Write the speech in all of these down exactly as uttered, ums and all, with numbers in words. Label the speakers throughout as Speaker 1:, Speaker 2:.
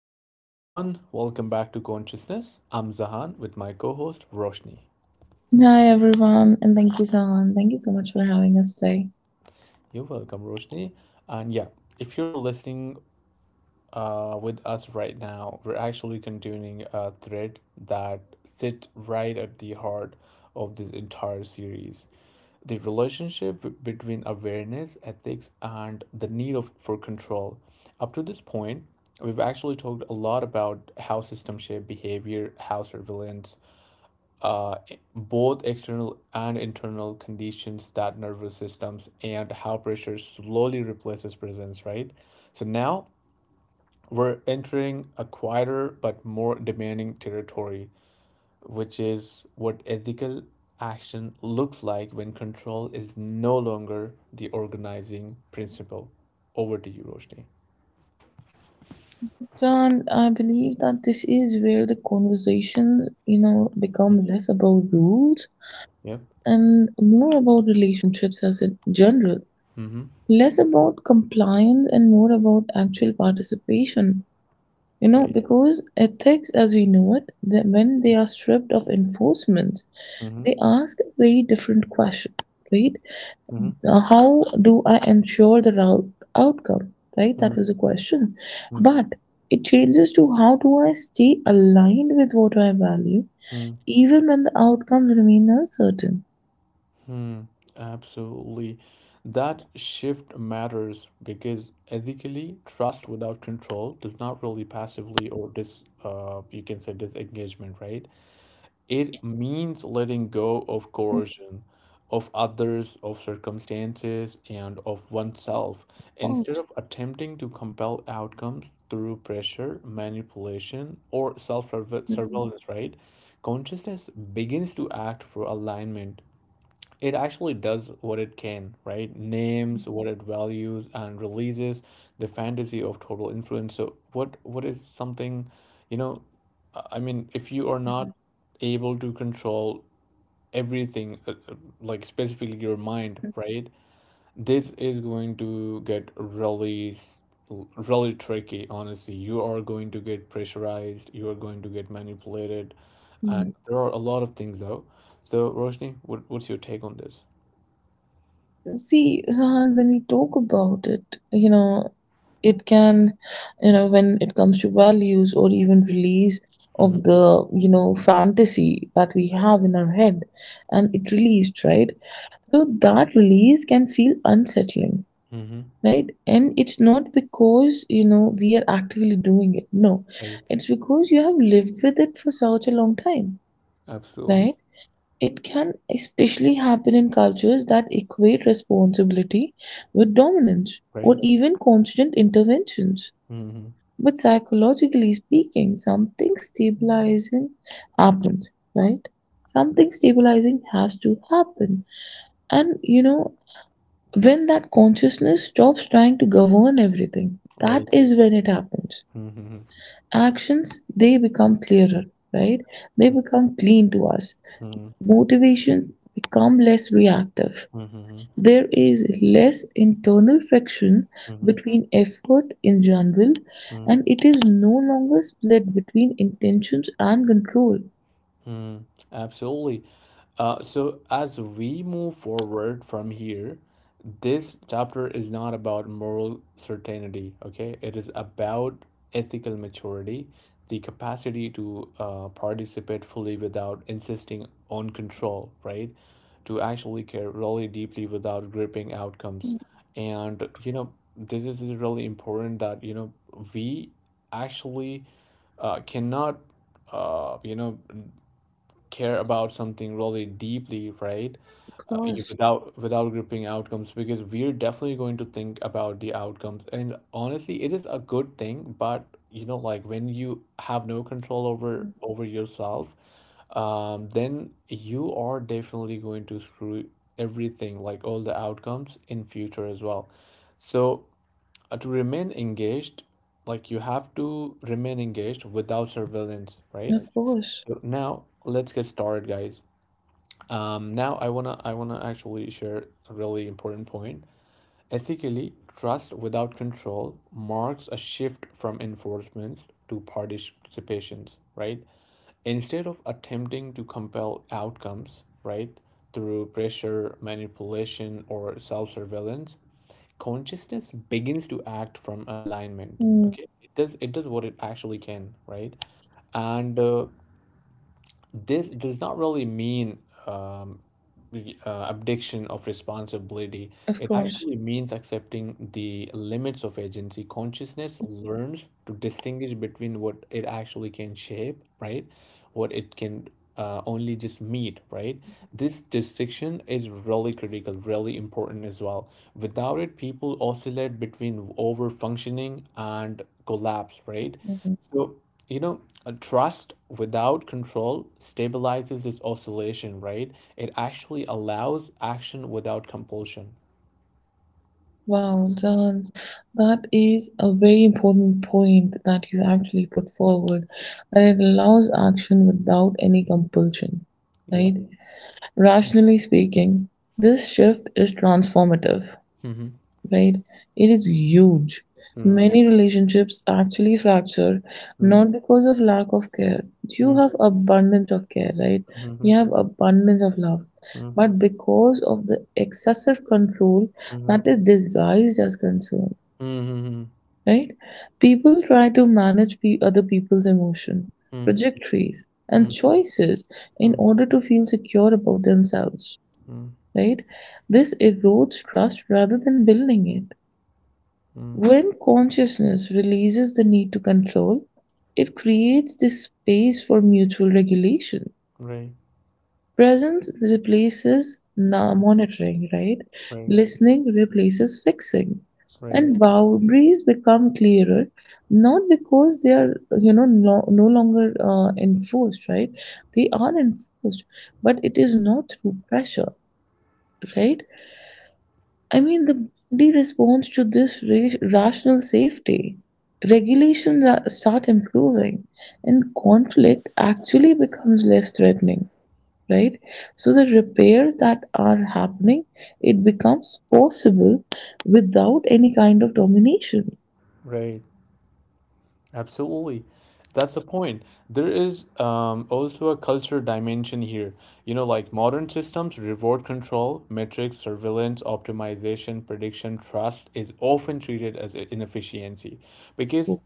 Speaker 1: Hello, everyone. Welcome back to Consciousness. I'm Zahan with my co host Roshni.
Speaker 2: Hi everyone, and thank you, Sahan. Thank you so much for having us today.
Speaker 1: You're welcome, Roshni. And yeah, if you're listening uh, with us right now, we're actually continuing a thread that sits right at the heart of this entire series the relationship b- between awareness, ethics, and the need of, for control. Up to this point, we've actually talked a lot about how systems shape behavior, how surveillance uh, both external and internal conditions that nervous systems and how pressure slowly replaces presence, right? So now we're entering a quieter but more demanding territory, which is what ethical action looks like when control is no longer the organizing principle. Over to you, Roshni.
Speaker 2: Don, I believe that this is where the conversation, you know, become less about rules
Speaker 1: Yep.
Speaker 2: and more about relationships as in general.
Speaker 1: Mm-hmm.
Speaker 2: Less about compliance and more about actual participation. You
Speaker 1: Right.
Speaker 2: know, because ethics as we know it, that when they are stripped of enforcement,
Speaker 1: Mm-hmm.
Speaker 2: they ask a very different question, right?
Speaker 1: Mm-hmm.
Speaker 2: Now, how do I ensure the route outcome? Right? That was a question. But it changes to how do I stay aligned with what I value,
Speaker 1: Mm-hmm.
Speaker 2: even when the outcomes remain uncertain.
Speaker 1: Hmm, absolutely. That shift matters because ethically, trust without control does not really passively or dis uh you can say disengagement, right? It means letting go of coercion, of others, of circumstances, and of oneself, instead of attempting to compel outcomes through pressure, manipulation, or self-surveillance, right? Consciousness begins to act for alignment it actually does what it can, right? Names what it values and releases the fantasy of total influence. So what what is something, you know, I I mean, if you are not able to control everything, uh, uh, like specifically your mind, right? This is going to get really, s- l- really tricky, honestly. You are going to get pressurized, you are going to get manipulated, and there are a lot of things though. So, Roshni, what, what's your take on this?
Speaker 2: See, Rahan, when we talk about it, you know, it can, you know, when it comes to values or even release of the, you know, fantasy that we have in our head and it released, right? So that release can feel unsettling,
Speaker 1: Mm-hmm.
Speaker 2: right? And it's not because, you know, we are actively doing it. No,
Speaker 1: Right.
Speaker 2: it's because you have lived with it for such a long time,
Speaker 1: Absolutely.
Speaker 2: right? It can especially happen in cultures that equate responsibility with dominance or
Speaker 1: Right.
Speaker 2: even constant interventions.
Speaker 1: Mm-hmm.
Speaker 2: But psychologically speaking, something stabilizing happens, right? Something stabilizing has to happen. And you know, when that consciousness stops trying to govern everything, that
Speaker 1: Right.
Speaker 2: is when it happens.
Speaker 1: Mm-hmm.
Speaker 2: Actions, they become clearer, right? They become clean to us.
Speaker 1: Mm-hmm.
Speaker 2: Motivation become less reactive.
Speaker 1: Mm-hmm.
Speaker 2: There is less internal friction
Speaker 1: Mm-hmm. Mm-hmm.
Speaker 2: between effort in general, and it is no longer split between intentions and control.
Speaker 1: Mm-hmm. Absolutely. Uh, so, as we move forward from here, this chapter is not about moral certainty, okay? It is about ethical maturity, the capacity to uh, participate fully without insisting on control, right? To actually care really deeply without gripping outcomes. And, you know, this is really important that, you know, we actually uh, cannot, uh, you know, care about something really deeply, right?
Speaker 2: Of
Speaker 1: Uh, you-
Speaker 2: course.
Speaker 1: without without gripping outcomes because we're definitely going to think about the outcomes and honestly it is a good thing but you know like when you have no control over
Speaker 2: Mm.
Speaker 1: over yourself um then you are definitely going to screw everything like all the outcomes in future as well so uh, to remain engaged like you have to remain engaged without surveillance right
Speaker 2: Of course.
Speaker 1: so now let's get started, guys. Um, now I wanna I wanna actually share a really important point. Ethically, trust without control marks a shift from enforcements to participations, right? Instead of attempting to compel outcomes, right, through pressure, manipulation, or self-surveillance, consciousness begins to act from alignment.
Speaker 2: Mm.
Speaker 1: Okay, it does it does what it actually can, right? And uh, this does not really mean um, re- uh, abdiction of responsibility.
Speaker 2: Of
Speaker 1: It
Speaker 2: course.
Speaker 1: actually means accepting the limits of agency. Consciousness learns to distinguish between what it actually can shape, right? What it can uh, only just meet, right? This distinction is really critical, really important as well. Without it, people oscillate between over functioning and collapse, right?
Speaker 2: Mm.
Speaker 1: So, you know, a trust without control stabilizes its oscillation, right? It actually allows action without compulsion.
Speaker 2: Wow, John, that is a very important point that you actually put forward, that it allows action without any compulsion,
Speaker 1: Yeah.
Speaker 2: right? Rationally speaking, this shift is transformative,
Speaker 1: Mm-hmm.
Speaker 2: right? It is huge.
Speaker 1: Mm-hmm.
Speaker 2: Many relationships actually fracture not because of lack of care. You
Speaker 1: Mm-hmm.
Speaker 2: have abundance of care, right?
Speaker 1: Mm-hmm. Mm-hmm.
Speaker 2: You have abundance of love, but because of the excessive control that is disguised as concern,
Speaker 1: Mm-hmm.
Speaker 2: right? People try to manage pe- other people's emotion, trajectories, and choices in
Speaker 1: Mm-hmm.
Speaker 2: order to feel secure about themselves, right? This erodes trust rather than building it.
Speaker 1: Mm-hmm.
Speaker 2: When consciousness releases the need to control, it creates the space for mutual regulation.
Speaker 1: Right.
Speaker 2: Presence replaces monitoring, right?
Speaker 1: Right.
Speaker 2: Listening replaces fixing.
Speaker 1: Right.
Speaker 2: And boundaries become clearer, not because they are, you know, no, no longer uh, enforced, right? They are enforced, but it is not through pressure, right? I mean, the body responds to this ra- rational safety. Regulations are, start improving, and conflict actually becomes less threatening, right? So the repairs that are happening, it becomes possible without any kind of domination.
Speaker 1: Right. Absolutely. That's the point. There is um, also a culture dimension here. You know, like modern systems reward control, metrics, surveillance, optimization, prediction, trust is often treated as i- inefficiency because
Speaker 2: True.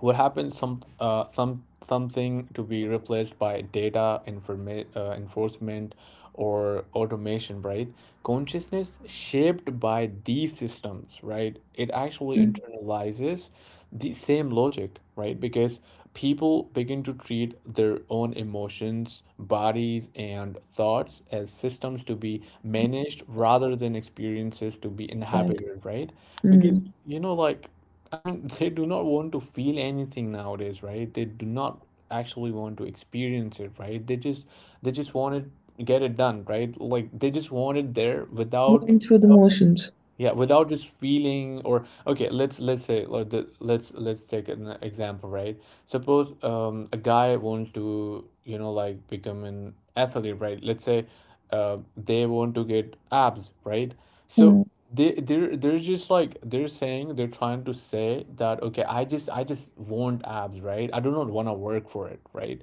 Speaker 1: what happens some uh, some something to be replaced by data informa- uh, enforcement or automation right consciousness shaped by these systems right it actually
Speaker 2: Mm.
Speaker 1: internalizes the same logic right because people begin to treat their own emotions bodies and thoughts as systems to be managed rather than experiences to be
Speaker 2: Exactly.
Speaker 1: inhabited right because
Speaker 2: Mm.
Speaker 1: you know like I mean, they do not want to feel anything nowadays, right? They do not actually want to experience it, right? They just they just want it get it done, right? Like they just want it there without
Speaker 2: Going through the motions.
Speaker 1: yeah, without just feeling or okay, let's let's say like the, let's let's take an example, right? Suppose um a guy wants to, you know, like become an athlete, right? Let's say uh they want to get abs, right? So
Speaker 2: Mm.
Speaker 1: they they're they're just like they're saying they're trying to say that okay, I just I just want abs, right? I do not want to work for it, right?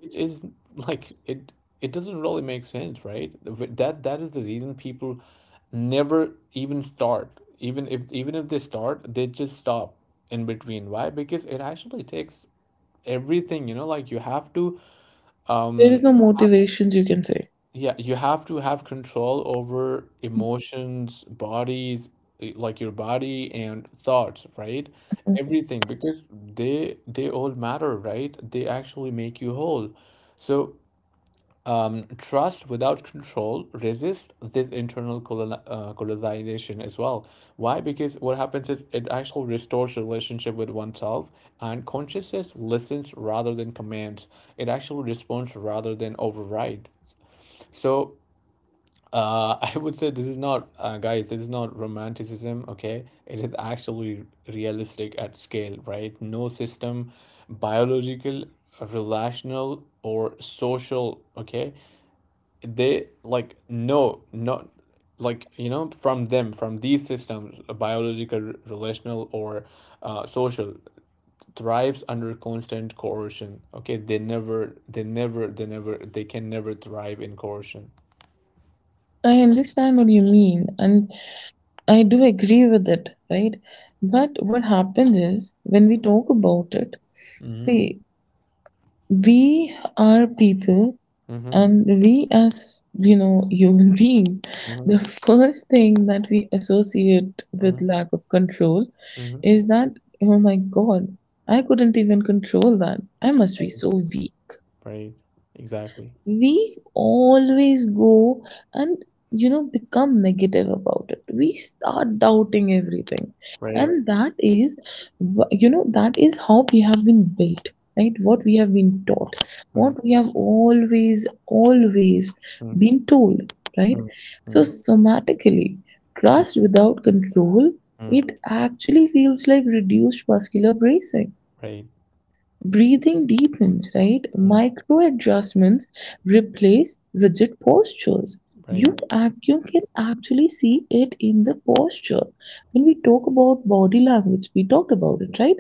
Speaker 1: Which is like it it doesn't really make sense, right? Th- That that is the reason people never even start. Even if even if they start, they just stop in between. Why? Because it actually takes everything, you know, like you have to
Speaker 2: There is
Speaker 1: um
Speaker 2: no motivations, you can say.
Speaker 1: yeah, you have to have control over emotions, bodies, eh, like your body and thoughts, right?
Speaker 2: Mm.
Speaker 1: Everything because they they all matter, right? They actually make you whole. So Um, trust without control resists this internal colon- uh, colonization as well. Why? Because what happens is it actually restores relationship with oneself, and consciousness listens rather than commands. It actually responds rather than override. So uh, I would say this is not, uh, guys, this is not romanticism, okay? It is actually realistic at scale, right? No system, biological, relational, or social, okay? they like know not like you know from them from these systems uh, biological relational or uh, social thrives under constant coercion okay they never they never they never they can never thrive in coercion
Speaker 2: I understand what you mean, and I do agree with it, right? But what happens is when we talk about it,
Speaker 1: mm-hmm.
Speaker 2: see, we are people,
Speaker 1: Mm-hmm.
Speaker 2: and we as, you know, human beings,
Speaker 1: Mm-hmm.
Speaker 2: the first thing that we associate with
Speaker 1: Mm-hmm.
Speaker 2: lack of control
Speaker 1: Mm-hmm.
Speaker 2: is that, oh my God, I couldn't even control that. I must be
Speaker 1: right
Speaker 2: so weak.
Speaker 1: right exactly
Speaker 2: We always go and, you know, become negative about it. We start doubting everything,
Speaker 1: right
Speaker 2: and that is wh- you know, that is how we have been built, right? What we have been taught,
Speaker 1: mm
Speaker 2: what we have always always
Speaker 1: mm
Speaker 2: been told, right?
Speaker 1: mm
Speaker 2: So
Speaker 1: mm
Speaker 2: somatically,
Speaker 1: mm
Speaker 2: trust without control,
Speaker 1: mm.
Speaker 2: it actually feels like reduced muscular bracing.
Speaker 1: right
Speaker 2: Breathing deepens, right?
Speaker 1: mm
Speaker 2: Micro adjustments replace rigid postures.
Speaker 1: right
Speaker 2: You, act, you can actually see it in the posture. When we talk about body language, we talked about it, right?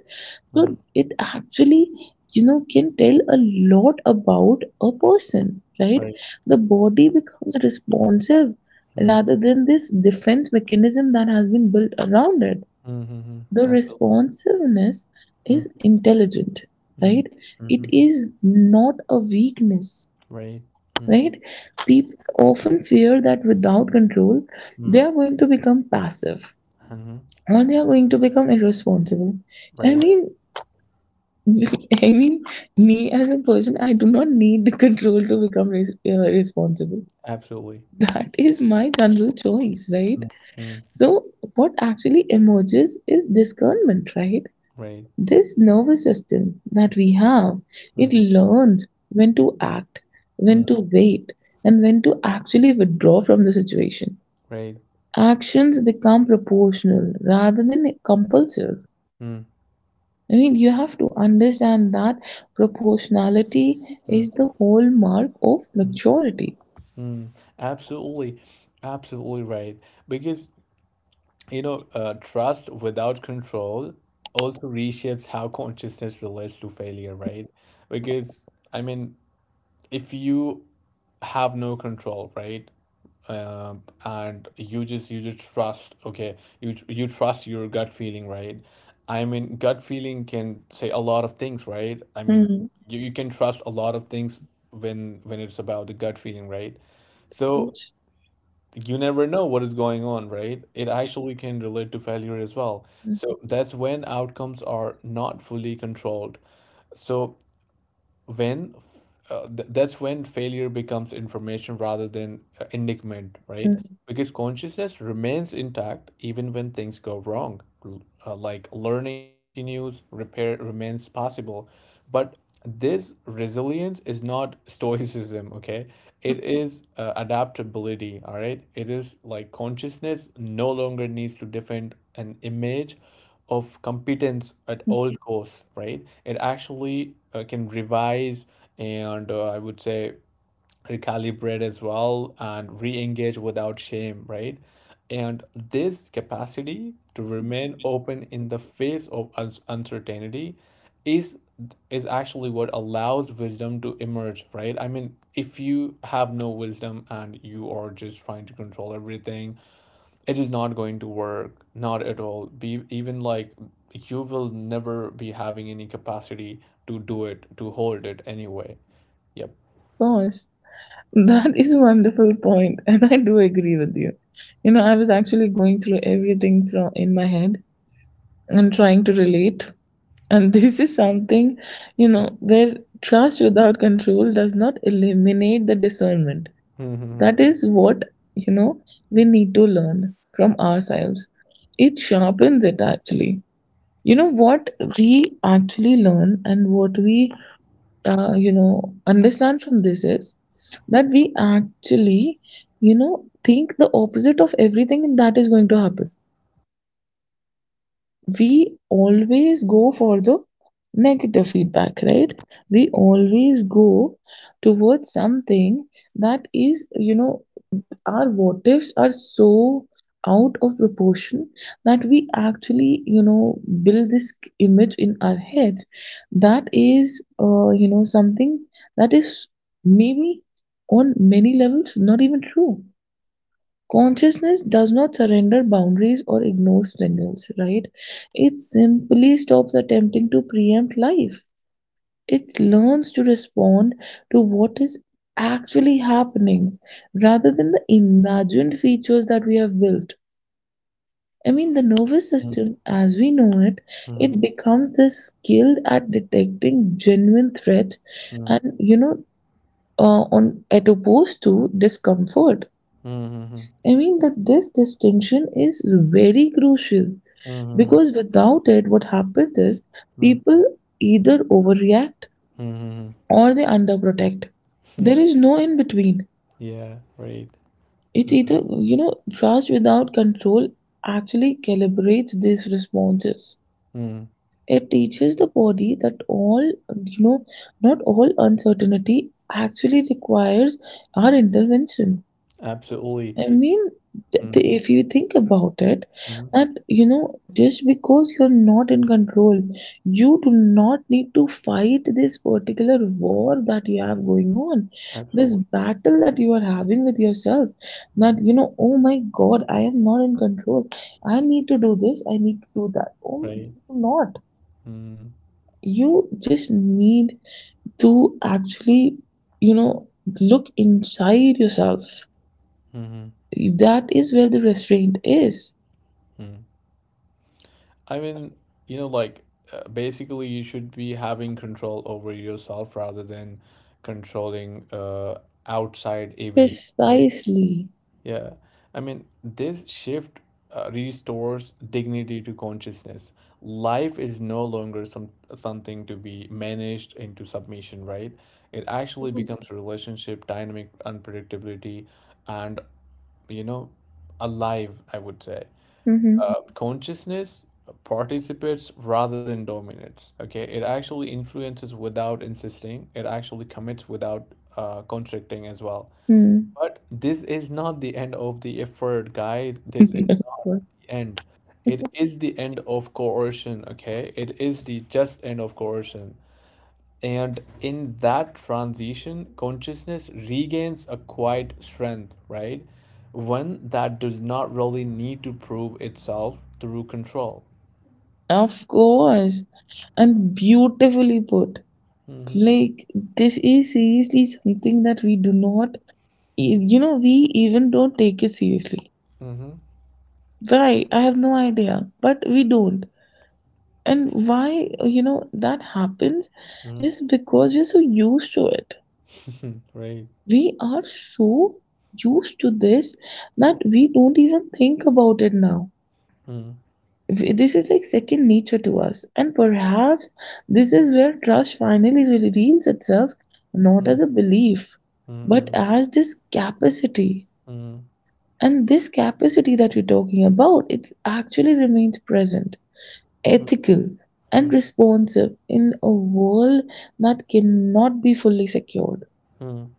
Speaker 1: mm
Speaker 2: So it actually, you know, can tell a lot about a person, right?
Speaker 1: right
Speaker 2: The body becomes responsive
Speaker 1: mm
Speaker 2: rather than this defense mechanism that has been built around it.
Speaker 1: mm mm mm.
Speaker 2: The
Speaker 1: absolutely
Speaker 2: responsiveness
Speaker 1: mm
Speaker 2: is intelligent,
Speaker 1: mm
Speaker 2: right?
Speaker 1: mm
Speaker 2: It is not a weakness,
Speaker 1: Right. Mm,
Speaker 2: right? People often fear that without control, they
Speaker 1: mm,
Speaker 2: are going to become passive
Speaker 1: mhm,
Speaker 2: or they are going to become irresponsible. I
Speaker 1: right.
Speaker 2: mean, I mean, me as a person, I do not need the control to become res- uh, responsible.
Speaker 1: Absolutely.
Speaker 2: That is my general choice, right?
Speaker 1: Mm, mm,
Speaker 2: So, what actually emerges is discernment, right?
Speaker 1: right.
Speaker 2: This nervous system that we have, it
Speaker 1: Mhm,
Speaker 2: learns when to act, when
Speaker 1: mm,
Speaker 2: to wait, and when to actually withdraw from the situation.
Speaker 1: right.
Speaker 2: Actions become proportional rather than compulsive.
Speaker 1: Mm,
Speaker 2: I mean, you have to understand that proportionality
Speaker 1: mm,
Speaker 2: is the hallmark of
Speaker 1: mm,
Speaker 2: maturity.
Speaker 1: mm. Absolutely. Absolutely right. Because, you know, uh, trust without control also reshapes how consciousness relates to failure, right? Because, I mean, if you have no control, right? Uh, and you just you just trust okay you you trust your gut feeling right I mean gut feeling can say a lot of things right I mean
Speaker 2: Hmm.
Speaker 1: you, you can trust a lot of things when when it's about the gut feeling right
Speaker 2: Of
Speaker 1: so
Speaker 2: course.
Speaker 1: you never know what is going on right it actually can relate to failure as well so
Speaker 2: Mhm.
Speaker 1: that's when outcomes are not fully controlled so when uh, th- that's when failure becomes information rather than uh, indictment, right? Because consciousness remains intact even when things go wrong. L- Uh, like learning continues, repair remains possible. But this resilience is not stoicism, okay? It is uh, adaptability, all right? It is like consciousness no longer needs to defend an image of competence at
Speaker 2: Of
Speaker 1: all costs, right? It actually uh, can revise and uh, I would say recalibrate as well and re-engage without shame, right? And this capacity to remain open in the face of uns- uncertainty is is actually what allows wisdom to emerge, right? I mean, if you have no wisdom and you are just trying to control everything, it is not going to work, not at all. Be even like you will never be having any capacity to do it, to hold it anyway. Yep.
Speaker 2: course. That is a wonderful point, and I do agree with you. You know, I was actually going through everything from in my head and trying to relate. And this is something, you know, where trust without control does not eliminate the discernment.
Speaker 1: Mhm,
Speaker 2: That is what, you know, we need to learn from ourselves. It sharpens it actually. You know what we actually learn and what we uh, you know, understand from this is that we actually, you know, think the opposite of everything, and that is going to happen. We always go for the negative feedback, right? We always go towards something that is, you know, our what ifs are so out of proportion that we actually, you know, build this image in our heads that is uh, you know, something that is maybe on many levels not even true. Consciousness does not surrender boundaries or ignore signals, right? It simply stops attempting to preempt life. It learns to respond to what is actually happening rather than the imagined features that we have built. I mean, the nervous
Speaker 1: mhm,
Speaker 2: system, as we know it,
Speaker 1: mhm,
Speaker 2: it becomes this skilled at detecting genuine threat,
Speaker 1: mhm,
Speaker 2: and, you know, uh, on at opposed to discomfort.
Speaker 1: mhm,
Speaker 2: I mean that this distinction is very crucial,
Speaker 1: mhm,
Speaker 2: because without it, what happens is
Speaker 1: mhm,
Speaker 2: people either overreact
Speaker 1: mhm.
Speaker 2: or they underprotect. There is no in between.
Speaker 1: Yeah, right.
Speaker 2: It's
Speaker 1: Mm,
Speaker 2: either, you know, trust without control actually calibrates these responses.
Speaker 1: mm,
Speaker 2: It teaches the body that all, you know, not all uncertainty actually requires our intervention.
Speaker 1: absolutely.
Speaker 2: I mean, th-
Speaker 1: Mm,
Speaker 2: th- if you think about it, that
Speaker 1: mm,
Speaker 2: you know, just because you're not in control, you do not need to fight this particular war that you have going on, this
Speaker 1: absolutely.
Speaker 2: battle that you are having with yourself. That
Speaker 1: Mhm,
Speaker 2: you know, oh my God, I am not in control. I need to do this. I need to do that. Oh, you
Speaker 1: Right.
Speaker 2: do not.
Speaker 1: Mm,
Speaker 2: You just need to actually, you know, look inside yourself.
Speaker 1: mhm,
Speaker 2: That is where the restraint is.
Speaker 1: mm. I mean, you know, like uh, basically, you should be having control over yourself rather than controlling uh, outside events, right?
Speaker 2: Precisely.
Speaker 1: Yeah, I mean, this shift uh, restores dignity to consciousness. Life is no longer some something to be managed into submission, right? It actually becomes a relationship, dynamic unpredictability, and you know, alive, I would say.
Speaker 2: Mm-hmm.
Speaker 1: Uh, consciousness participates rather than dominates. Okay, it actually influences without insisting. It actually commits without uh, constricting as well.
Speaker 2: Mm.
Speaker 1: But this is not the end of the effort, guys. This is
Speaker 2: Of
Speaker 1: not
Speaker 2: course.
Speaker 1: the end. It is the end of coercion, okay? It is the just end of coercion. And in that transition, consciousness regains a quiet strength, right? One that does not really need to prove itself through control.
Speaker 2: Of course, and beautifully put.
Speaker 1: Mm-hmm.
Speaker 2: Like, this is seriously something that we do not, e, you know, we even don't take it seriously,
Speaker 1: Mm-hmm.
Speaker 2: right? I have no idea, but we don't. And why, you know, that happens
Speaker 1: Mm-hmm.
Speaker 2: is because we're so used to it.
Speaker 1: Right.
Speaker 2: We are so used to this that we don't even think about it now.
Speaker 1: Mm-hmm.
Speaker 2: We- This is like second nature to us. And perhaps this is where trust finally reveals itself, not as a belief, but
Speaker 1: Mm-hmm.
Speaker 2: as this capacity.
Speaker 1: Mm-hmm.
Speaker 2: And this capacity that we're talking about, it actually remains present, ethical, and
Speaker 1: Mm-hmm.
Speaker 2: responsive in a world that cannot be fully secured.
Speaker 1: Mm-hmm.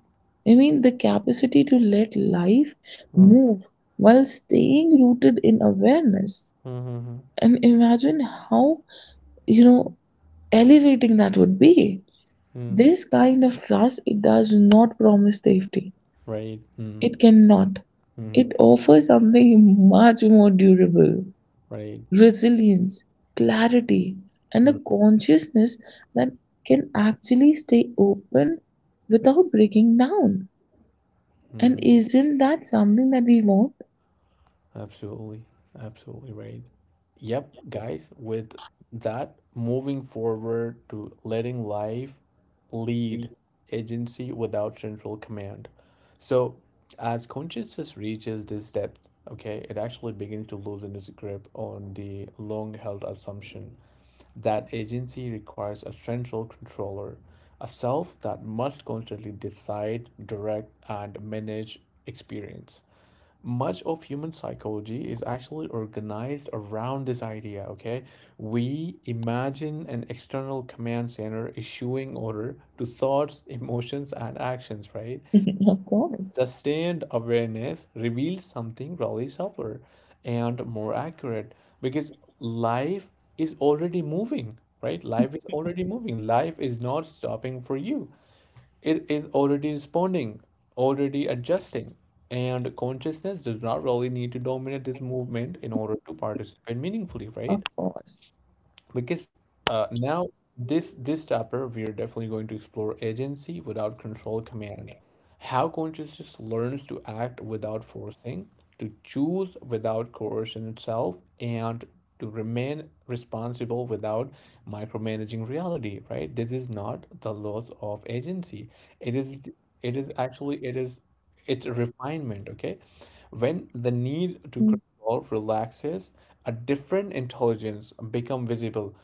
Speaker 2: I mean, the capacity to let life move while staying rooted in awareness.
Speaker 1: Mm-hmm.
Speaker 2: And imagine how, you know, elevating that would be.
Speaker 1: Mm-hmm.
Speaker 2: This kind of trust, it does not promise safety.
Speaker 1: Right. Mm,
Speaker 2: It cannot.
Speaker 1: mm,
Speaker 2: It offers something much more durable.
Speaker 1: right.
Speaker 2: Resilience, clarity, and a consciousness that can actually stay open without breaking down. And
Speaker 1: Mm-mm.
Speaker 2: isn't that something that we want?
Speaker 1: Absolutely. Absolutely right. Yep, guys, with that moving forward to letting life lead agency without central command. So, as consciousness reaches this depth, okay, it actually begins to loosen its grip on the long held assumption that agency requires a central controller, a self that must constantly decide, direct, and manage experience. Much of human psychology is actually organized around this idea, okay? We imagine an external command center issuing order to thoughts, emotions, and actions, right?
Speaker 2: Of course,
Speaker 1: Sustained awareness reveals something probably subtler and more accurate because life is already moving, right? Life is already moving. Life is not stopping for you. It is already responding, already adjusting. And consciousness does not really need to dominate this movement in order to participate meaningfully,
Speaker 2: of
Speaker 1: right?
Speaker 2: course.
Speaker 1: because uh, now this this chapter we are definitely going to explore agency without control command how consciousness learns to act without forcing to choose without coercion itself and to remain responsible without micromanaging reality right this is not the loss of agency it is it is actually it is it's a refinement okay when the need to control relaxes a different intelligence become visible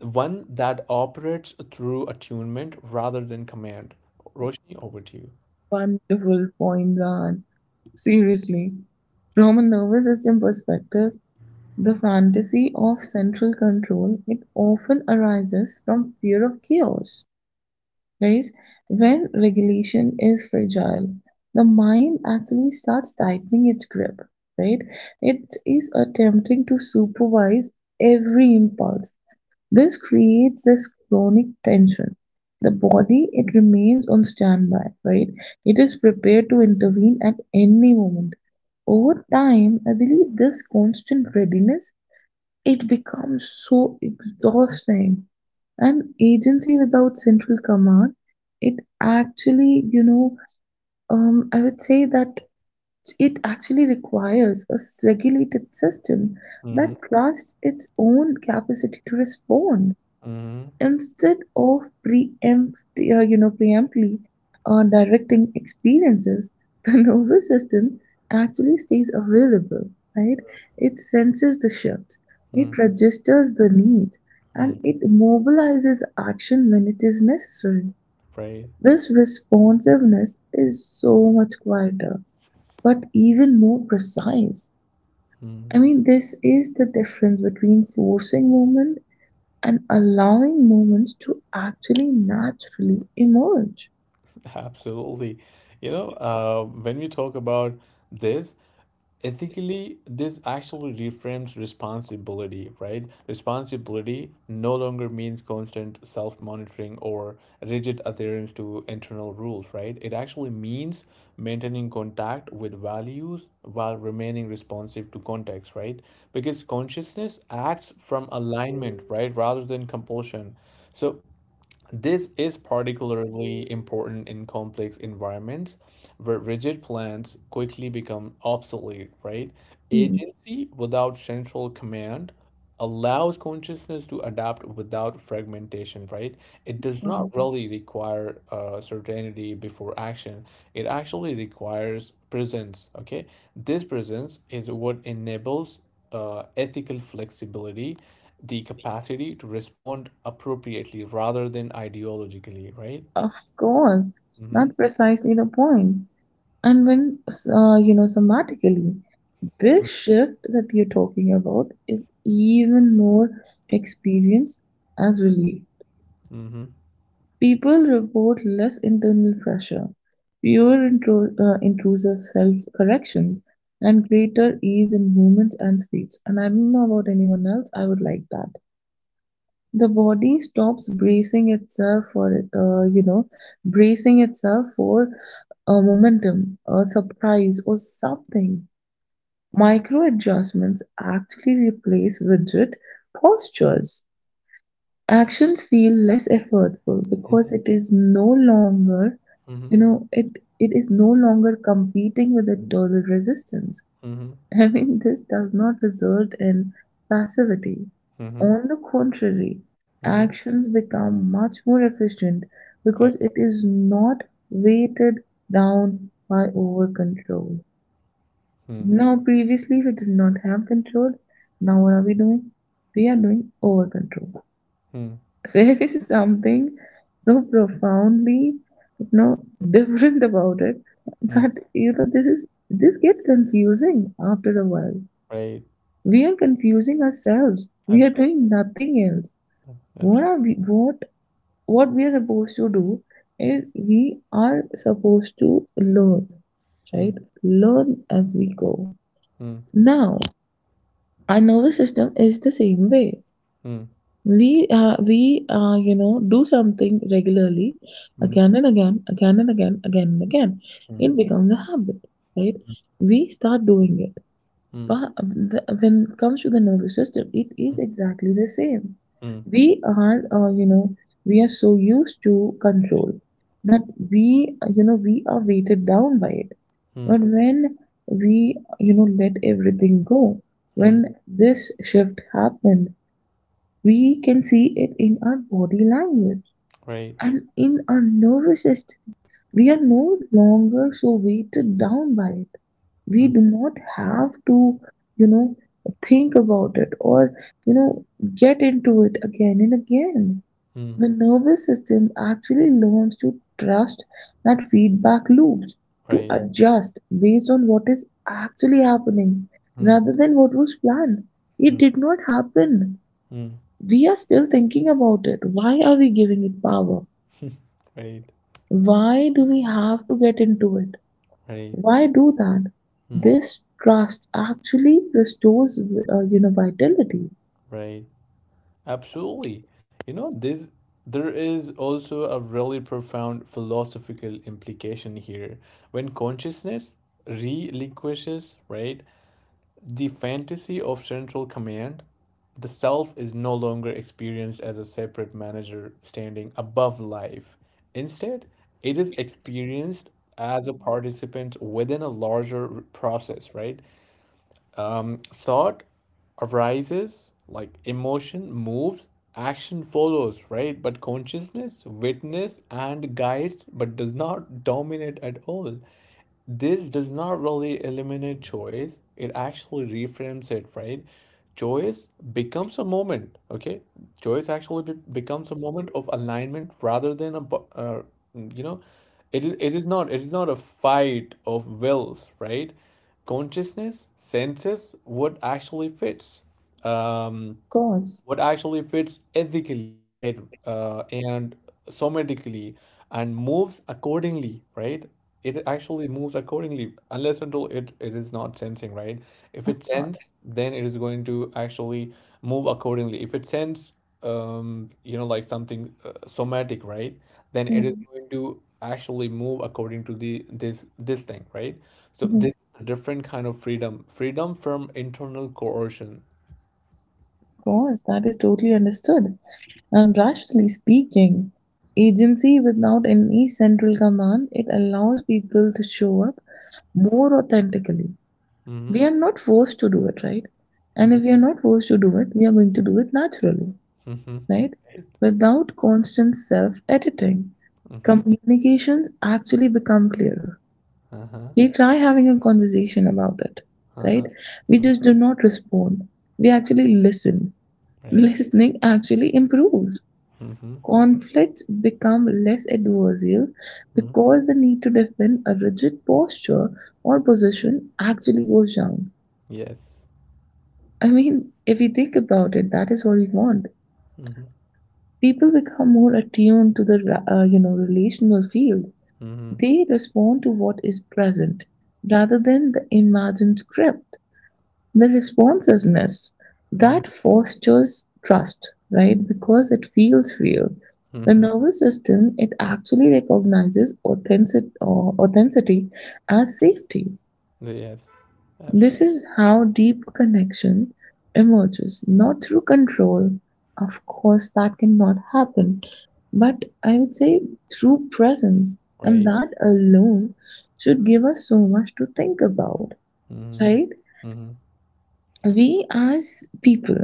Speaker 1: one that operates through attunement rather than command roshni over to you
Speaker 2: Wonderful point, Ran. Seriously. From a nervous system perspective, the fantasy of central control, it often arises from fear of chaos, right? When regulation is fragile, the mind actually starts tightening its grip, right? It is attempting to supervise every impulse. This creates this chronic tension. The body, it remains on standby, right? It is prepared to intervene at any moment. Over time, I believe this constant readiness, it becomes so exhausting. An agency without central command, it actually, you know, um, I would say that it actually requires a regulated system
Speaker 1: mm-hmm,
Speaker 2: that trusts its own capacity to respond
Speaker 1: mm-hmm,
Speaker 2: instead of preempt, uh, you know, preemptly uh, directing experiences, the nervous system actually stays available, right? It senses the shift, it registers the need,
Speaker 1: mm-hmm,
Speaker 2: and it mobilizes action when it is necessary.
Speaker 1: right
Speaker 2: This responsiveness is so much quieter, but even more precise.
Speaker 1: mm,
Speaker 2: I mean, this is the difference between forcing movement and allowing moments to actually naturally emerge.
Speaker 1: absolutely you know uh, when we talk about this ethically this actually reframes responsibility right responsibility no longer means constant self-monitoring or rigid adherence to internal rules right it actually means maintaining contact with values while remaining responsive to context right because consciousness acts from alignment right rather than compulsion so this is particularly important in complex environments where rigid plans quickly become obsolete, right?
Speaker 2: Hmm.
Speaker 1: Agency without central command allows consciousness to adapt without fragmentation, right? It does
Speaker 2: Wow.
Speaker 1: not really require uh, certainty before action. It actually requires presence, okay? This presence is what enables uh, ethical flexibility, the capacity to respond appropriately rather than ideologically, right?
Speaker 2: Of course,
Speaker 1: Mm-hmm.
Speaker 2: not precisely the point. And when, uh, you know, somatically, this shift that you're talking about is even more experienced as relief.
Speaker 1: Mm-hmm.
Speaker 2: People report less internal pressure, fewer intro- uh, intrusive self correction, and greater ease in movement and speech. And I don't know about anyone else, I would like that. The body stops bracing itself for uh, you know bracing itself for a momentum, a surprise, or something. Micro adjustments actually replace rigid postures. Actions feel less effortful because it is no longer
Speaker 1: Mm-hmm.
Speaker 2: you know it it is no longer competing with internal resistance.
Speaker 1: Mm-hmm. Mm-hmm.
Speaker 2: I mean, this does not result in passivity.
Speaker 1: Mm-hmm.
Speaker 2: On the contrary,
Speaker 1: Mm-hmm.
Speaker 2: actions become much more efficient
Speaker 1: Right.
Speaker 2: because it is not weighted down by over control.
Speaker 1: Mm.
Speaker 2: Now, previously we did not have control. Now, what are we doing? We are doing over control.
Speaker 1: Mm.
Speaker 2: There is something so profoundly, you know, different about it
Speaker 1: Mm.
Speaker 2: that you know this is this gets confusing after a while.
Speaker 1: Right.
Speaker 2: We are confusing ourselves. We are
Speaker 1: Absolutely.
Speaker 2: doing nothing else. What
Speaker 1: Absolutely.
Speaker 2: are we, what what we are supposed to do is we are supposed to learn,
Speaker 1: Mm.
Speaker 2: right? Learn as we go.
Speaker 1: Mm.
Speaker 2: Now, our nervous system is the same way. We uh, we uh, you know do something regularly,
Speaker 1: Mm.
Speaker 2: again and again, again and again, again and again.
Speaker 1: Mm.
Speaker 2: It becomes a habit, right? We start doing it.
Speaker 1: Mm.
Speaker 2: But the, when it comes to the nervous system, it is
Speaker 1: Mm.
Speaker 2: exactly the same.
Speaker 1: Mm.
Speaker 2: We are, uh, you know, we are so used to control that we, uh, you know, we are weighted down by it.
Speaker 1: Mm.
Speaker 2: But when we, you know, let everything go,
Speaker 1: Mm.
Speaker 2: when this shift happened, we can see it in our body language
Speaker 1: Right.
Speaker 2: and in our nervous system. We are no longer so weighted down by it. We
Speaker 1: Mm.
Speaker 2: do not have to you know think about it or you know get into it again and again.
Speaker 1: Mm.
Speaker 2: The nervous system actually learns to trust that feedback loops, to
Speaker 1: Right.
Speaker 2: adjust based on what is actually happening
Speaker 1: Mm. Mm. Right. Mm.
Speaker 2: rather than what was planned. It
Speaker 1: Mm.
Speaker 2: did not happen.
Speaker 1: Mm.
Speaker 2: We are still thinking about it. Why are we giving it power?
Speaker 1: Right.
Speaker 2: Why do we have to get into it?
Speaker 1: Right.
Speaker 2: Why do that?
Speaker 1: Mm.
Speaker 2: This trust actually restores uh, you know vitality.
Speaker 1: Right. Absolutely. You know, this there is also a really profound philosophical implication here. When consciousness relinquishes, right, the fantasy of central command, the self is no longer experienced as a separate manager standing above life. Instead, it is experienced as a participant within a larger process, right? Um, thought arises, like emotion moves, action follows, right? But consciousness witness and guides, but does not dominate at all this does not really eliminate choice it actually reframes it right choice becomes a moment okay choice actually be- becomes a moment of alignment rather than a bu- uh, you know it is it is not it is not a fight of wills right consciousness senses what actually fits um
Speaker 2: Of course.
Speaker 1: what actually fits ethically, right? Uh, and somatically and moves accordingly, right? It actually moves accordingly unless until it, it is not sensing, right? If it sense, then it is going to actually move accordingly. If it sense, um, you know, like something uh, somatic, right? Then it is
Speaker 2: Mm.
Speaker 1: going to actually move according to the this this thing, right? So
Speaker 2: Of
Speaker 1: this is a different kind of freedom, freedom from internal coercion.
Speaker 2: course, that is totally understood. And rationally speaking, agency without any central command, it allows people to show up more authentically.
Speaker 1: Mm-hmm.
Speaker 2: We are not forced to do it, right? And
Speaker 1: Mm-hmm.
Speaker 2: if we are not forced to do it, we are going to do it naturally,
Speaker 1: Mm-hmm.
Speaker 2: right?
Speaker 1: right?
Speaker 2: Without constant self-editing,
Speaker 1: Mm-hmm.
Speaker 2: communications actually become clearer.
Speaker 1: Uh-huh.
Speaker 2: We try having a conversation about it, right?
Speaker 1: Uh-huh.
Speaker 2: We
Speaker 1: Uh,
Speaker 2: just do not respond, we actually listen.
Speaker 1: right.
Speaker 2: Listening actually improves.
Speaker 1: Mm-hmm.
Speaker 2: Conflicts become less adversarial
Speaker 1: Mm-hmm.
Speaker 2: because the need to defend a rigid posture or position actually goes down.
Speaker 1: Yes.
Speaker 2: I mean, if we think about it, that is what we want.
Speaker 1: Mm-hmm.
Speaker 2: People become more attuned to the uh, you know relational field.
Speaker 1: Mm-hmm.
Speaker 2: They respond to what is present rather than the imagined script. The response is miss.
Speaker 1: Mm-hmm.
Speaker 2: That fosters trust, right? Because it feels real. The
Speaker 1: Mm-hmm.
Speaker 2: nervous system, it actually recognizes authentic, or authenticity as safety.
Speaker 1: Yes. Absolutely.
Speaker 2: This is how deep connection emerges, not through control. Of course, that cannot happen, but I would say through presence, and
Speaker 1: Right.
Speaker 2: that alone should give us so much to think about,
Speaker 1: Mm-hmm.
Speaker 2: right?
Speaker 1: Mm-hmm.
Speaker 2: We as people,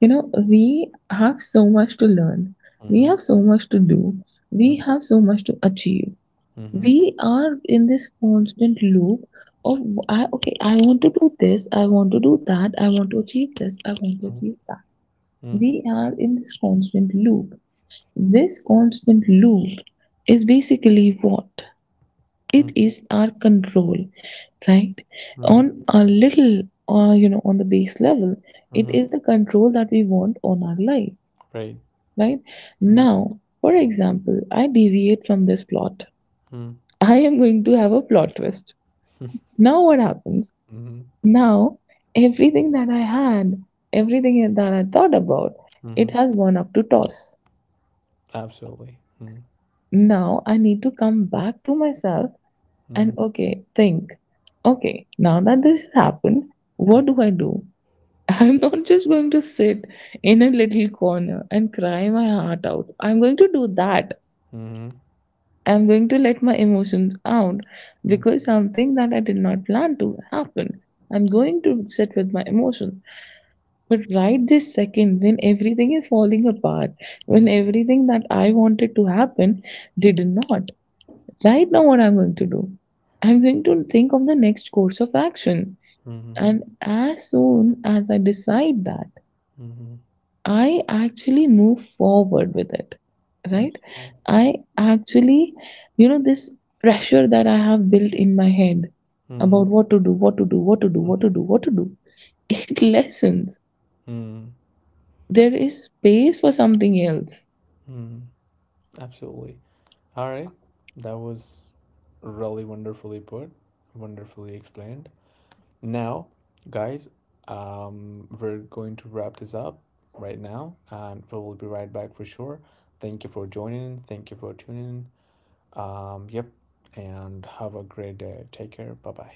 Speaker 2: you know, we have so much to learn, we
Speaker 1: Mm-hmm.
Speaker 2: have so much to do, we
Speaker 1: Mm-hmm.
Speaker 2: have so much to achieve.
Speaker 1: Mm-hmm.
Speaker 2: We are in this constant loop of I okay, I want to do this, I want to do that, I want to achieve this, I want to achieve that.
Speaker 1: Mm-hmm.
Speaker 2: We are in this constant loop. This constant loop is basically what? It
Speaker 1: Mm-hmm.
Speaker 2: is our control, right?
Speaker 1: Mm-hmm.
Speaker 2: On a little uh, you know on the base level, it
Speaker 1: Mm-hmm.
Speaker 2: is the control that we want on our life,
Speaker 1: Right.
Speaker 2: right?
Speaker 1: Mm-hmm.
Speaker 2: Now for example, I deviate from this plot,
Speaker 1: Mm-hmm.
Speaker 2: I am going to have a plot twist. Now what happens?
Speaker 1: Mm-hmm.
Speaker 2: Now everything that I had, everything that I thought about, it
Speaker 1: Mm-hmm.
Speaker 2: has gone up to toss.
Speaker 1: Absolutely. Mm-hmm.
Speaker 2: Now I need to come back to myself. And
Speaker 1: Mm-hmm.
Speaker 2: okay, think, okay, now that this has happened, what do I do? I'm not just going to sit in a little corner and cry my heart out. I'm going to do that.
Speaker 1: Mm-hmm.
Speaker 2: I'm going to let my emotions out because something that I did not plan to happen. I'm going to sit with my emotions. But right this second, when everything is falling apart,
Speaker 1: Mm-hmm.
Speaker 2: when everything that I wanted to happen did not, right now, what I'm going to do, I'm going to think of the next course of action.
Speaker 1: Mm-hmm.
Speaker 2: And as soon as I decide that,
Speaker 1: Mm-hmm.
Speaker 2: I actually move forward with it. Right?
Speaker 1: Absolutely.
Speaker 2: I actually, you know, this pressure that I have built in my head
Speaker 1: Mm-hmm.
Speaker 2: about what to do, what to do, what to do, what to do, what to do, it lessens.
Speaker 1: Mm-hmm.
Speaker 2: There is space for something else.
Speaker 1: Mm-hmm. Absolutely. All right, that was really wonderfully put, wonderfully explained. Now, guys, um, we're going to wrap this up right now, and we will be right back for sure. Thank you for joining. Thank you for tuning in. Um, yep, and have a great day. Take care. Bye bye.